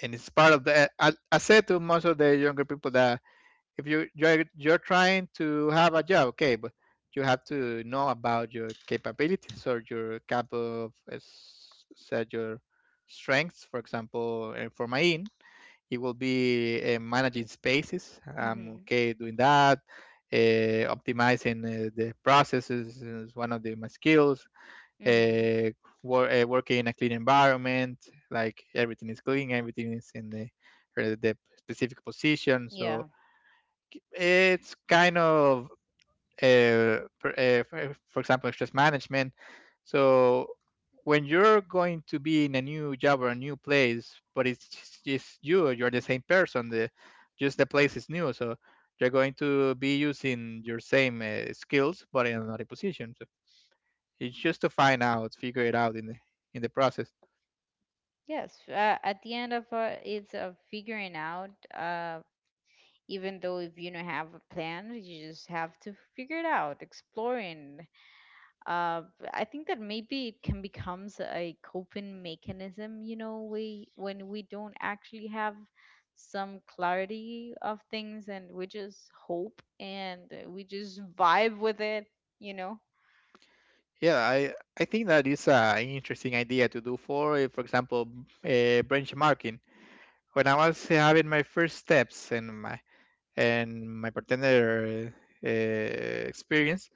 Speaker 2: And it's part of the. I said to most of the younger people that if you're trying to have a job, okay, but you have to know about your capabilities or your cap of said your strengths. For example, for my in, it will be managing spaces. I'm
Speaker 1: Mm-hmm.
Speaker 2: okay doing that. Optimizing the processes is one of my skills.
Speaker 1: Mm-hmm.
Speaker 2: uh, Working in a clean environment, like everything is clean, everything is in the specific position. So
Speaker 1: Yeah.
Speaker 2: it's kind of for, for example, stress management. So when you're going to be in a new job or a new place, but it's just you, you're the same person, the just the place is new. So you're going to be using your same skills but in another position. So it's just to find out, figure it out in the process.
Speaker 1: Yes. At the end of it's figuring out. Even though if you don't have a plan, you just have to figure it out, exploring, uh, I think that maybe it can becomes a coping mechanism. You know, we When we don't actually have some clarity of things, and we just hope and we just vibe with it. You know.
Speaker 2: Yeah, I think that is an interesting idea to do for, for example, benchmarking. When I was having my first steps and my bartender experience,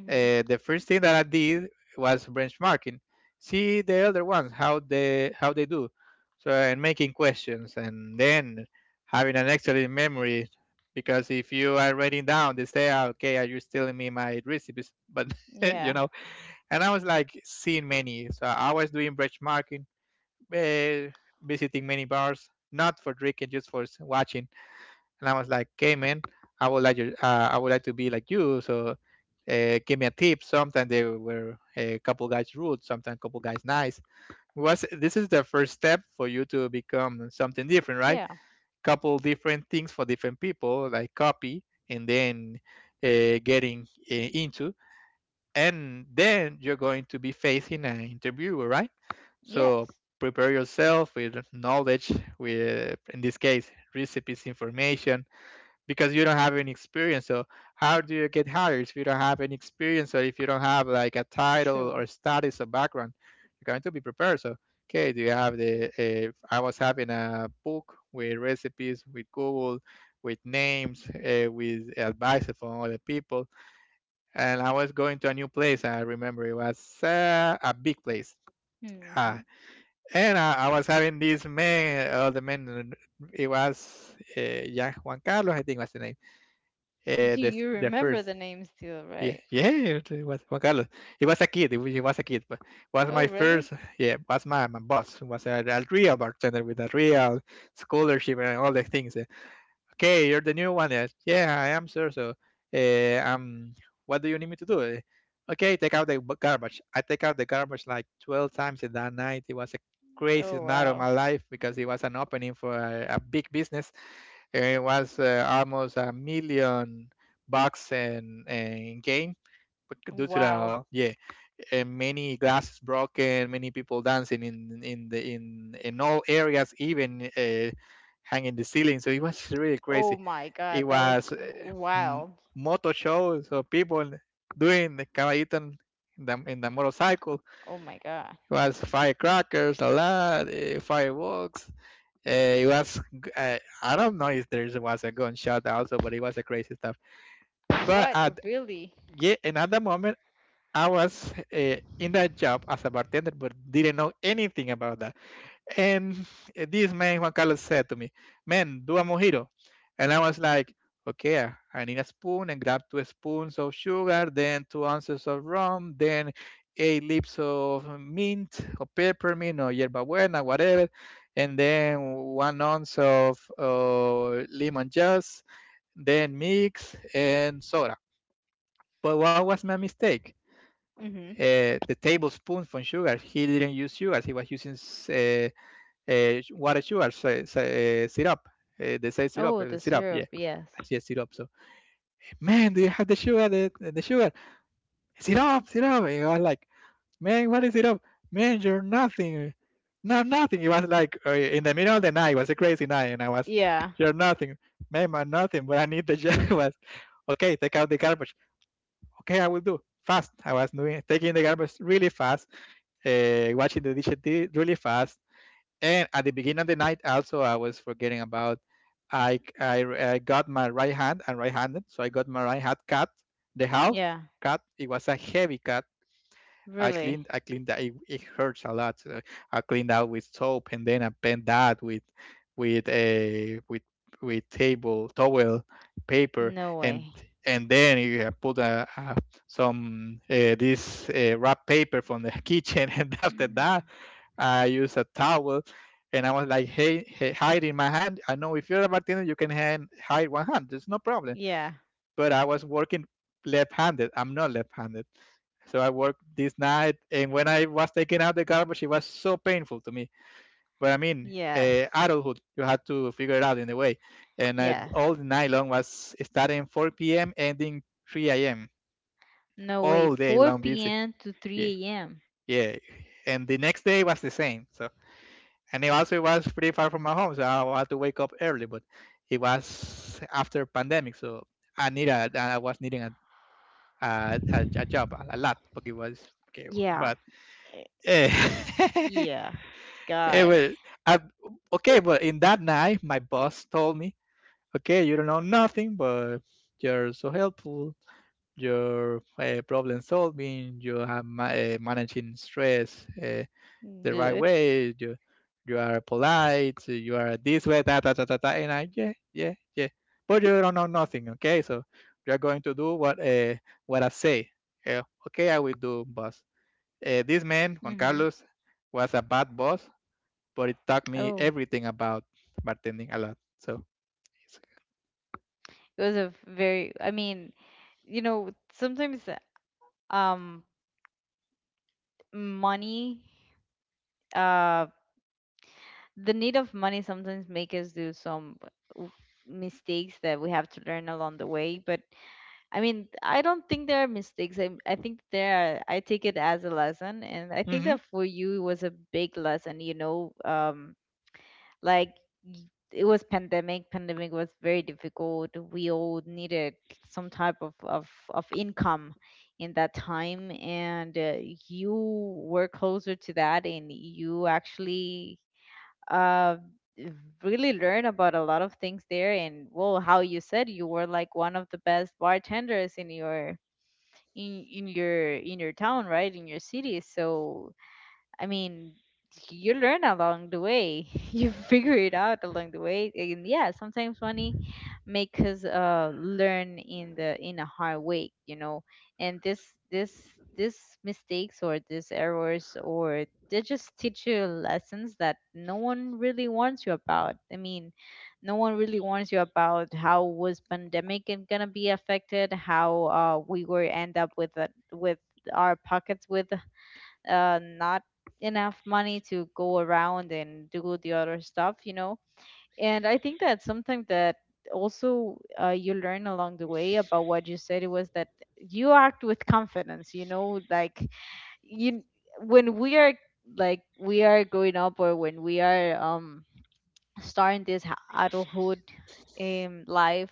Speaker 1: Hmm.
Speaker 2: the first thing that I did was benchmarking, see the other ones how they do, so and making questions, and then having an excellent memory. Because if you are writing down, they say, "Ah, okay, are you stealing me my recipes?" But you
Speaker 1: Yeah.
Speaker 2: know, and I was like seeing many, so I was doing benchmarking, uh, visiting many bars, not for drinking, just for watching. And I was like, "Hey man, I would like I would like to be like you." So give me a tip. Sometimes they were a couple guys rude, sometimes couple guys nice. Was this is the first step for you to become something different, right?
Speaker 1: Yeah.
Speaker 2: Couple different things for different people, like copy, and then getting into, and then you're going to be facing an interviewer, right? So
Speaker 1: Yes.
Speaker 2: prepare yourself with knowledge, with, in this case, recipes information, because you don't have any experience. So how do you get hired if you don't have any experience, or if you don't have like a title or
Speaker 1: True.
Speaker 2: status or background? You're going to be prepared. So okay, do you have the? I was having a book with recipes, with Google, with names, with advice from other people, and I was going to a new place. I remember it was a big place. Uh,
Speaker 1: Hmm.
Speaker 2: I was having this man, the man, it was yeah, Juan Carlos, I think was the name.
Speaker 1: Do you
Speaker 2: The
Speaker 1: remember
Speaker 2: first,
Speaker 1: the name still?
Speaker 2: yeah,
Speaker 1: Right.
Speaker 2: yeah, it was Juan Carlos. He was a kid. He was a kid, but was my
Speaker 1: Oh,
Speaker 2: first,
Speaker 1: really?
Speaker 2: yeah, was my boss. Was a real bartender with a real scholarship and all the things. Okay, you're the new one. Yes? Yeah, I am, sir. So, uh, um, what do you need me to do? Okay, take out the garbage. I take out the garbage like 12 times in that night. It was a crazy
Speaker 1: Oh,
Speaker 2: night of my
Speaker 1: wow.
Speaker 2: life because it was an opening for a big business. And it was almost 1 million bucks in gain, but due to
Speaker 1: Wow.
Speaker 2: the, yeah, many glasses broken, many people dancing in the in all areas, even hanging the ceiling. So it was really crazy.
Speaker 1: Oh my
Speaker 2: It
Speaker 1: God, that was
Speaker 2: was m-
Speaker 1: wild.
Speaker 2: moto show, so people doing the caballito in the motorcycle.
Speaker 1: Oh my God.
Speaker 2: It was firecrackers a lot, fireworks. Uh, it was I don't know if there was a gunshot also, but it was a crazy stuff. But
Speaker 1: What,
Speaker 2: at
Speaker 1: really?
Speaker 2: Yeah, another moment I was in that job as a bartender, but didn't know anything about that. And this man, Juan Carlos, said to me, "Man, do a mojito." And I was like, okay, I need a spoon and grab two spoons of sugar, then 2 ounces of rum, then 8 leaves of mint or peppermint or yerba buena, whatever, and then 1 ounce of lemon juice, then mix and soda. But what was my mistake?
Speaker 1: Hmm.
Speaker 2: The tablespoon from sugar. He didn't use sugar. He was using water sugar syrup. They say syrup,
Speaker 1: Oh, the
Speaker 2: syrup, yeah.
Speaker 1: syrup,
Speaker 2: I
Speaker 1: yes.
Speaker 2: said syrup. So, man, do you have the sugar? The sugar? Syrup, syrup. And I was like, man, what is syrup? Man, you're nothing. No, nothing. It was like in the middle of the night. It was a crazy night, and I was,
Speaker 1: Yeah.
Speaker 2: you're nothing. Man, I'm nothing. But I need the job. Was, okay, take out the garbage. Okay, I will do fast. I was doing taking the garbage really fast, watching the dishes really fast. And at the beginning of the night, also I was forgetting about I I, I got my right hand and right-handed, so I got my right hand cut, the half
Speaker 1: Yeah.
Speaker 2: cut. It was a heavy cut.
Speaker 1: Really.
Speaker 2: I cleaned that. It hurts a lot. So I cleaned out with soap, and then I bent that with a with table towel paper,
Speaker 1: No
Speaker 2: and
Speaker 1: way.
Speaker 2: and then you have put a some this wrap paper from the kitchen, and after that
Speaker 1: Mm.
Speaker 2: I used a towel, and I was like, hey, hey, hide in my hand. I know if you're a bartender, you can hand, hide one hand. There's no problem.
Speaker 1: Yeah.
Speaker 2: But I was working left-handed. I'm not left-handed. So I worked this night, and when I was taking out the garbage, it was so painful to me. But I mean,
Speaker 1: Yes.
Speaker 2: adulthood, you had to figure it out in a way. And I,
Speaker 1: Yes.
Speaker 2: all the night long was starting 4 p.m., ending 3 a.m.
Speaker 1: No way.
Speaker 2: All day long,
Speaker 1: 4
Speaker 2: busy.
Speaker 1: p.m. to
Speaker 2: Yeah,
Speaker 1: 3 a.m.
Speaker 2: yeah. And the next day was the same. So, and it also was pretty far from my home, so I had to wake up early. But it was after pandemic, so I needed I was needing a job a lot, but it was okay.
Speaker 1: Yeah.
Speaker 2: But
Speaker 1: eh,
Speaker 2: eh,
Speaker 1: Yeah.
Speaker 2: it
Speaker 1: God.
Speaker 2: was I, okay. But in that night, my boss told me, "Okay, you don't know nothing, but you're so helpful. You're problem solving. You are managing stress the right
Speaker 1: Good.
Speaker 2: way. You are polite. You are this way. Da da da da da. And I yeah yeah yeah. But you don't know nothing. Okay, so you are going to do what I say." Yeah, okay, I will do, boss. This man Juan
Speaker 1: Mm-hmm.
Speaker 2: Carlos was a bad boss, but it taught me
Speaker 1: Oh,
Speaker 2: everything about bartending a lot. So.
Speaker 1: it was a very, I mean, sometimes um money uh the need of money sometimes make us do some w- mistakes that we have to learn along the way, but I mean, I don't think there are mistakes. I think there are, I take it as a lesson. And I think
Speaker 2: Mm-hmm.
Speaker 1: that for you, it was a big lesson, like y- it was pandemic. Pandemic was very difficult. We all needed some type of income in that time. And you were closer to that and you actually, uh, really learn about a lot of things there, and well, how you said, you were like one of the best bartenders in your in your town, right? In your city. So I mean, you learn along the way. You figure it out along the way. And yeah, sometimes money make us learn in the in a hard way. And this this mistakes or these errors or they just teach you lessons that no one really warns you about. I mean, no one really warns you about how was pandemic and gonna be affected, how we were end up with a, with our pockets with not enough money to go around and do the other stuff, you know. And I think that something that also you learn along the way about what you said it was that you act with confidence, you know, like you when we are like we are growing up or when we are starting this adulthood life,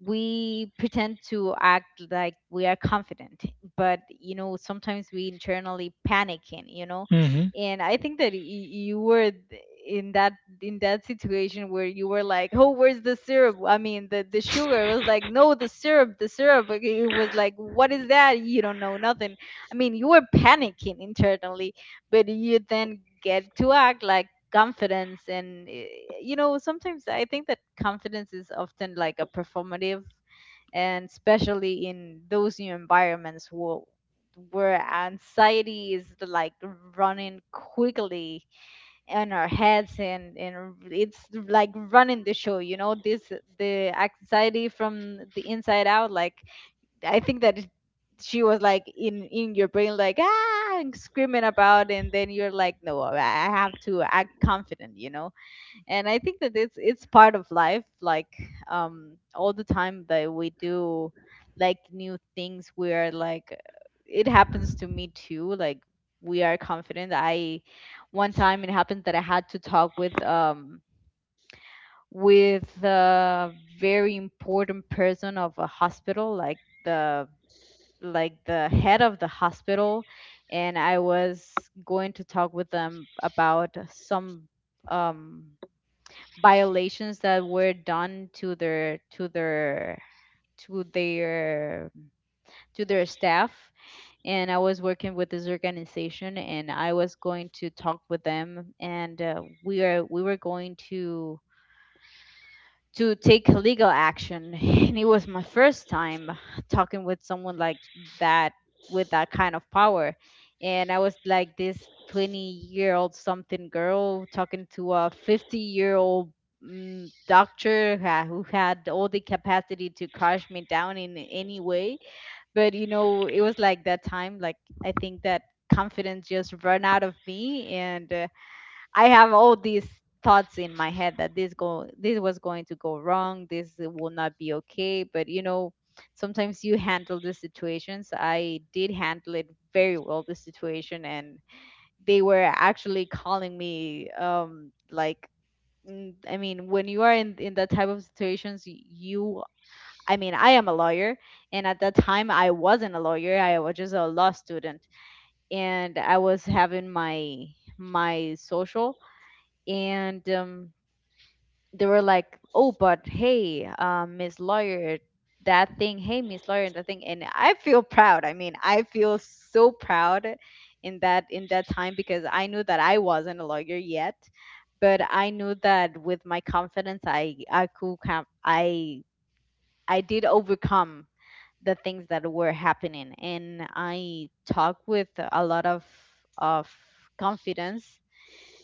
Speaker 1: we pretend to act like we are confident, but you know sometimes we internally panicking, you know.
Speaker 2: Mm-hmm.
Speaker 1: And I think that you were in that in that situation where you were like, oh, where's the syrup, I mean the sugar. It was like, no, the syrup, the syrup. Like, it was like, what is that? You don't know nothing. I mean, you were panicking internally, but you then get to act like confidence. And you know, sometimes I think that confidence is often like a performative, and especially in those new environments where anxiety is like running quickly in our heads, and it's like running the show, you know. This, the anxiety from the inside out, like, I think that she was like in your brain, like, ah, and screaming about. And then you're like, no, I have to act confident, you know. And I think that it's part of life. Like, all the time that we do like new things, we are like, it happens to me too. Like, we are confident. I one time it happened that I had to talk with a very important person of a hospital, like the head of the hospital. And I was going to talk with them about some um violations that were done to their to their to their staff. And I was working with this organization, and I was going to talk with them. And we were going to take legal action and it was my first time talking with someone like that, with that kind of power. And I was like this 20-year-old something girl talking to a 50-year old, doctor who who had all the capacity to crush me down in any way. But you know, it was like that time, like, I think that confidence just ran out of me. And I have all these thoughts in my head that this was going to go wrong, this will not be okay. But you know, sometimes you handle the situations. I did handle it very well, the situation. And they were actually calling me like, I mean, when you are in that type of situations, you, I mean, I am a lawyer, and at that time I wasn't a lawyer. I was just a law student, and I was having my my social. And they were like, "Oh, but hey, Miss Lawyer, that thing. Hey, Miss Lawyer, that thing." And I feel proud. I mean, I feel so proud in that time, because I knew that I wasn't a lawyer yet, but I knew that with my confidence, I could come. I did overcome the things that were happening, and I talked with a lot of confidence.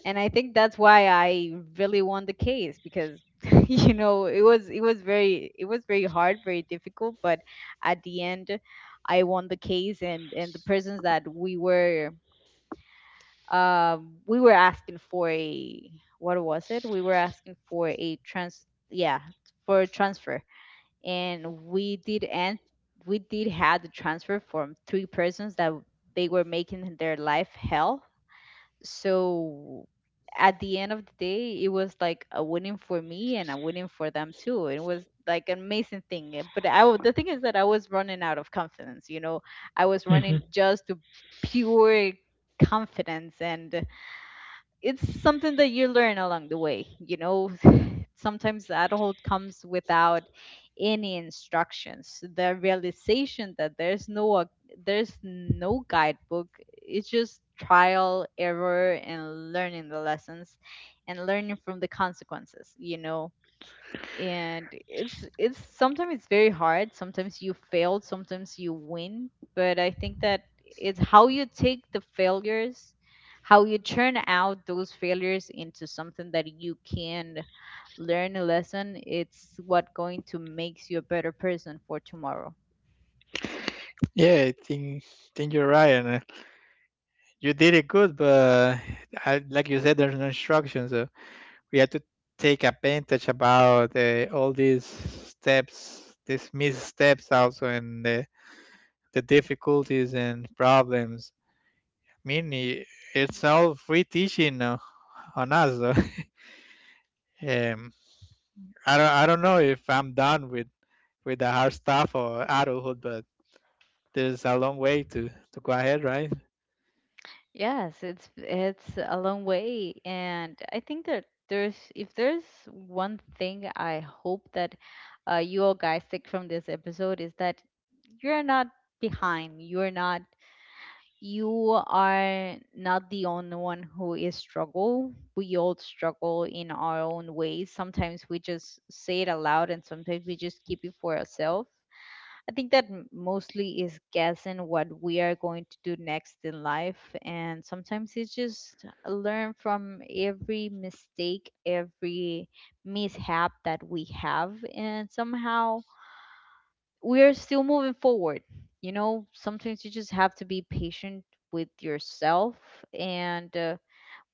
Speaker 1: And I think that's why I really won the case, because you know, it was it was very hard, very difficult. But at the end, I won the case. And the persons that we were asking for a, what was it? We were asking for a trans yeah, for a transfer. And we did, and we did have the transfer from three persons that they were making their life hell. So at the end of the day, it was like a winning for me and a winning for them too. It was like an amazing thing. But the thing is that I was running out of confidence, you know. I was
Speaker 2: Mm-hmm.
Speaker 1: running just to pure confidence. And it's something that you learn along the way, you know. Sometimes the adulthood comes without any instructions, the realization that there's there's no guidebook. It's just trial, error, and learning the lessons and learning from the consequences, you know. And it's sometimes it's very hard. Sometimes you fail, sometimes you win. But I think that it's how you take the failures, how you turn out those failures into something that you can learn a lesson. It's what going to makes you a better person for tomorrow.
Speaker 2: Yeah, I think you're right, and you did it good. But I, like you said, there's no instructions. So we have to take advantage about all these steps, these missteps also, and the difficulties and problems. I mean, i- it's all free teaching on us, though. um, I don't know if I'm done with the hard stuff or adulthood, but there's a long way to go ahead, right?
Speaker 1: Yes, it's a long way. And I think that there's, if there's one thing I hope that you all guys take from this episode, is that you're not behind. You're not. You are not the only one who is struggle. We all struggle in our own ways. Sometimes we just say it aloud, and sometimes we just keep it for ourselves. I think that mostly is guessing what we are going to do next in life. And sometimes it's just learn from every mistake, every mishap that we have. And somehow we are still moving forward. You know, sometimes you just have to be patient with yourself. And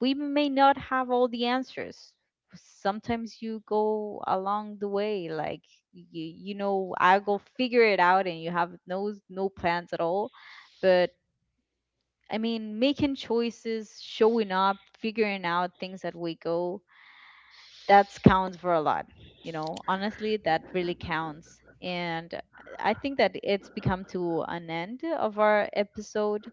Speaker 1: we may not have all the answers. Sometimes you go along the way, like you know, I go figure it out, and you have no plans at all. But I mean, making choices, showing up, figuring out things that we go, that counts for a lot. You know, honestly, that really counts. And I think that it's become to an end of our episode.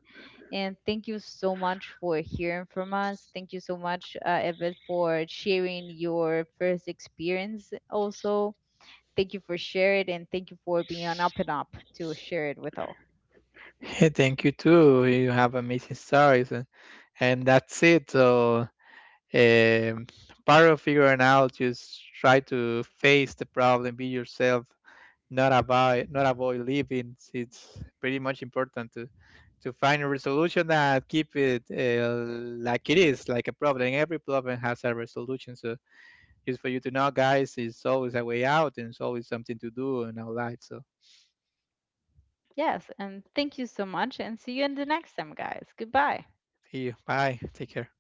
Speaker 1: And thank you so much for hearing from us. Thank you so much, Evan, for sharing your first experience. Also, thank you for sharing it, and thank you for being on up and up to share it with all.
Speaker 2: Hey, thank you too. You have amazing stories, and that's it. So, Um part of figuring out, just try to face the problem, be yourself, not avoid living. It's pretty much important to find a resolution that keep it like it is, like a problem. Every problem has a resolution. So, just for you to know, guys, it's always a way out, and it's always something to do in our life. So
Speaker 1: Yes, and thank you so much, and see you in the next time, guys. Goodbye.
Speaker 2: see you. Bye. Take care.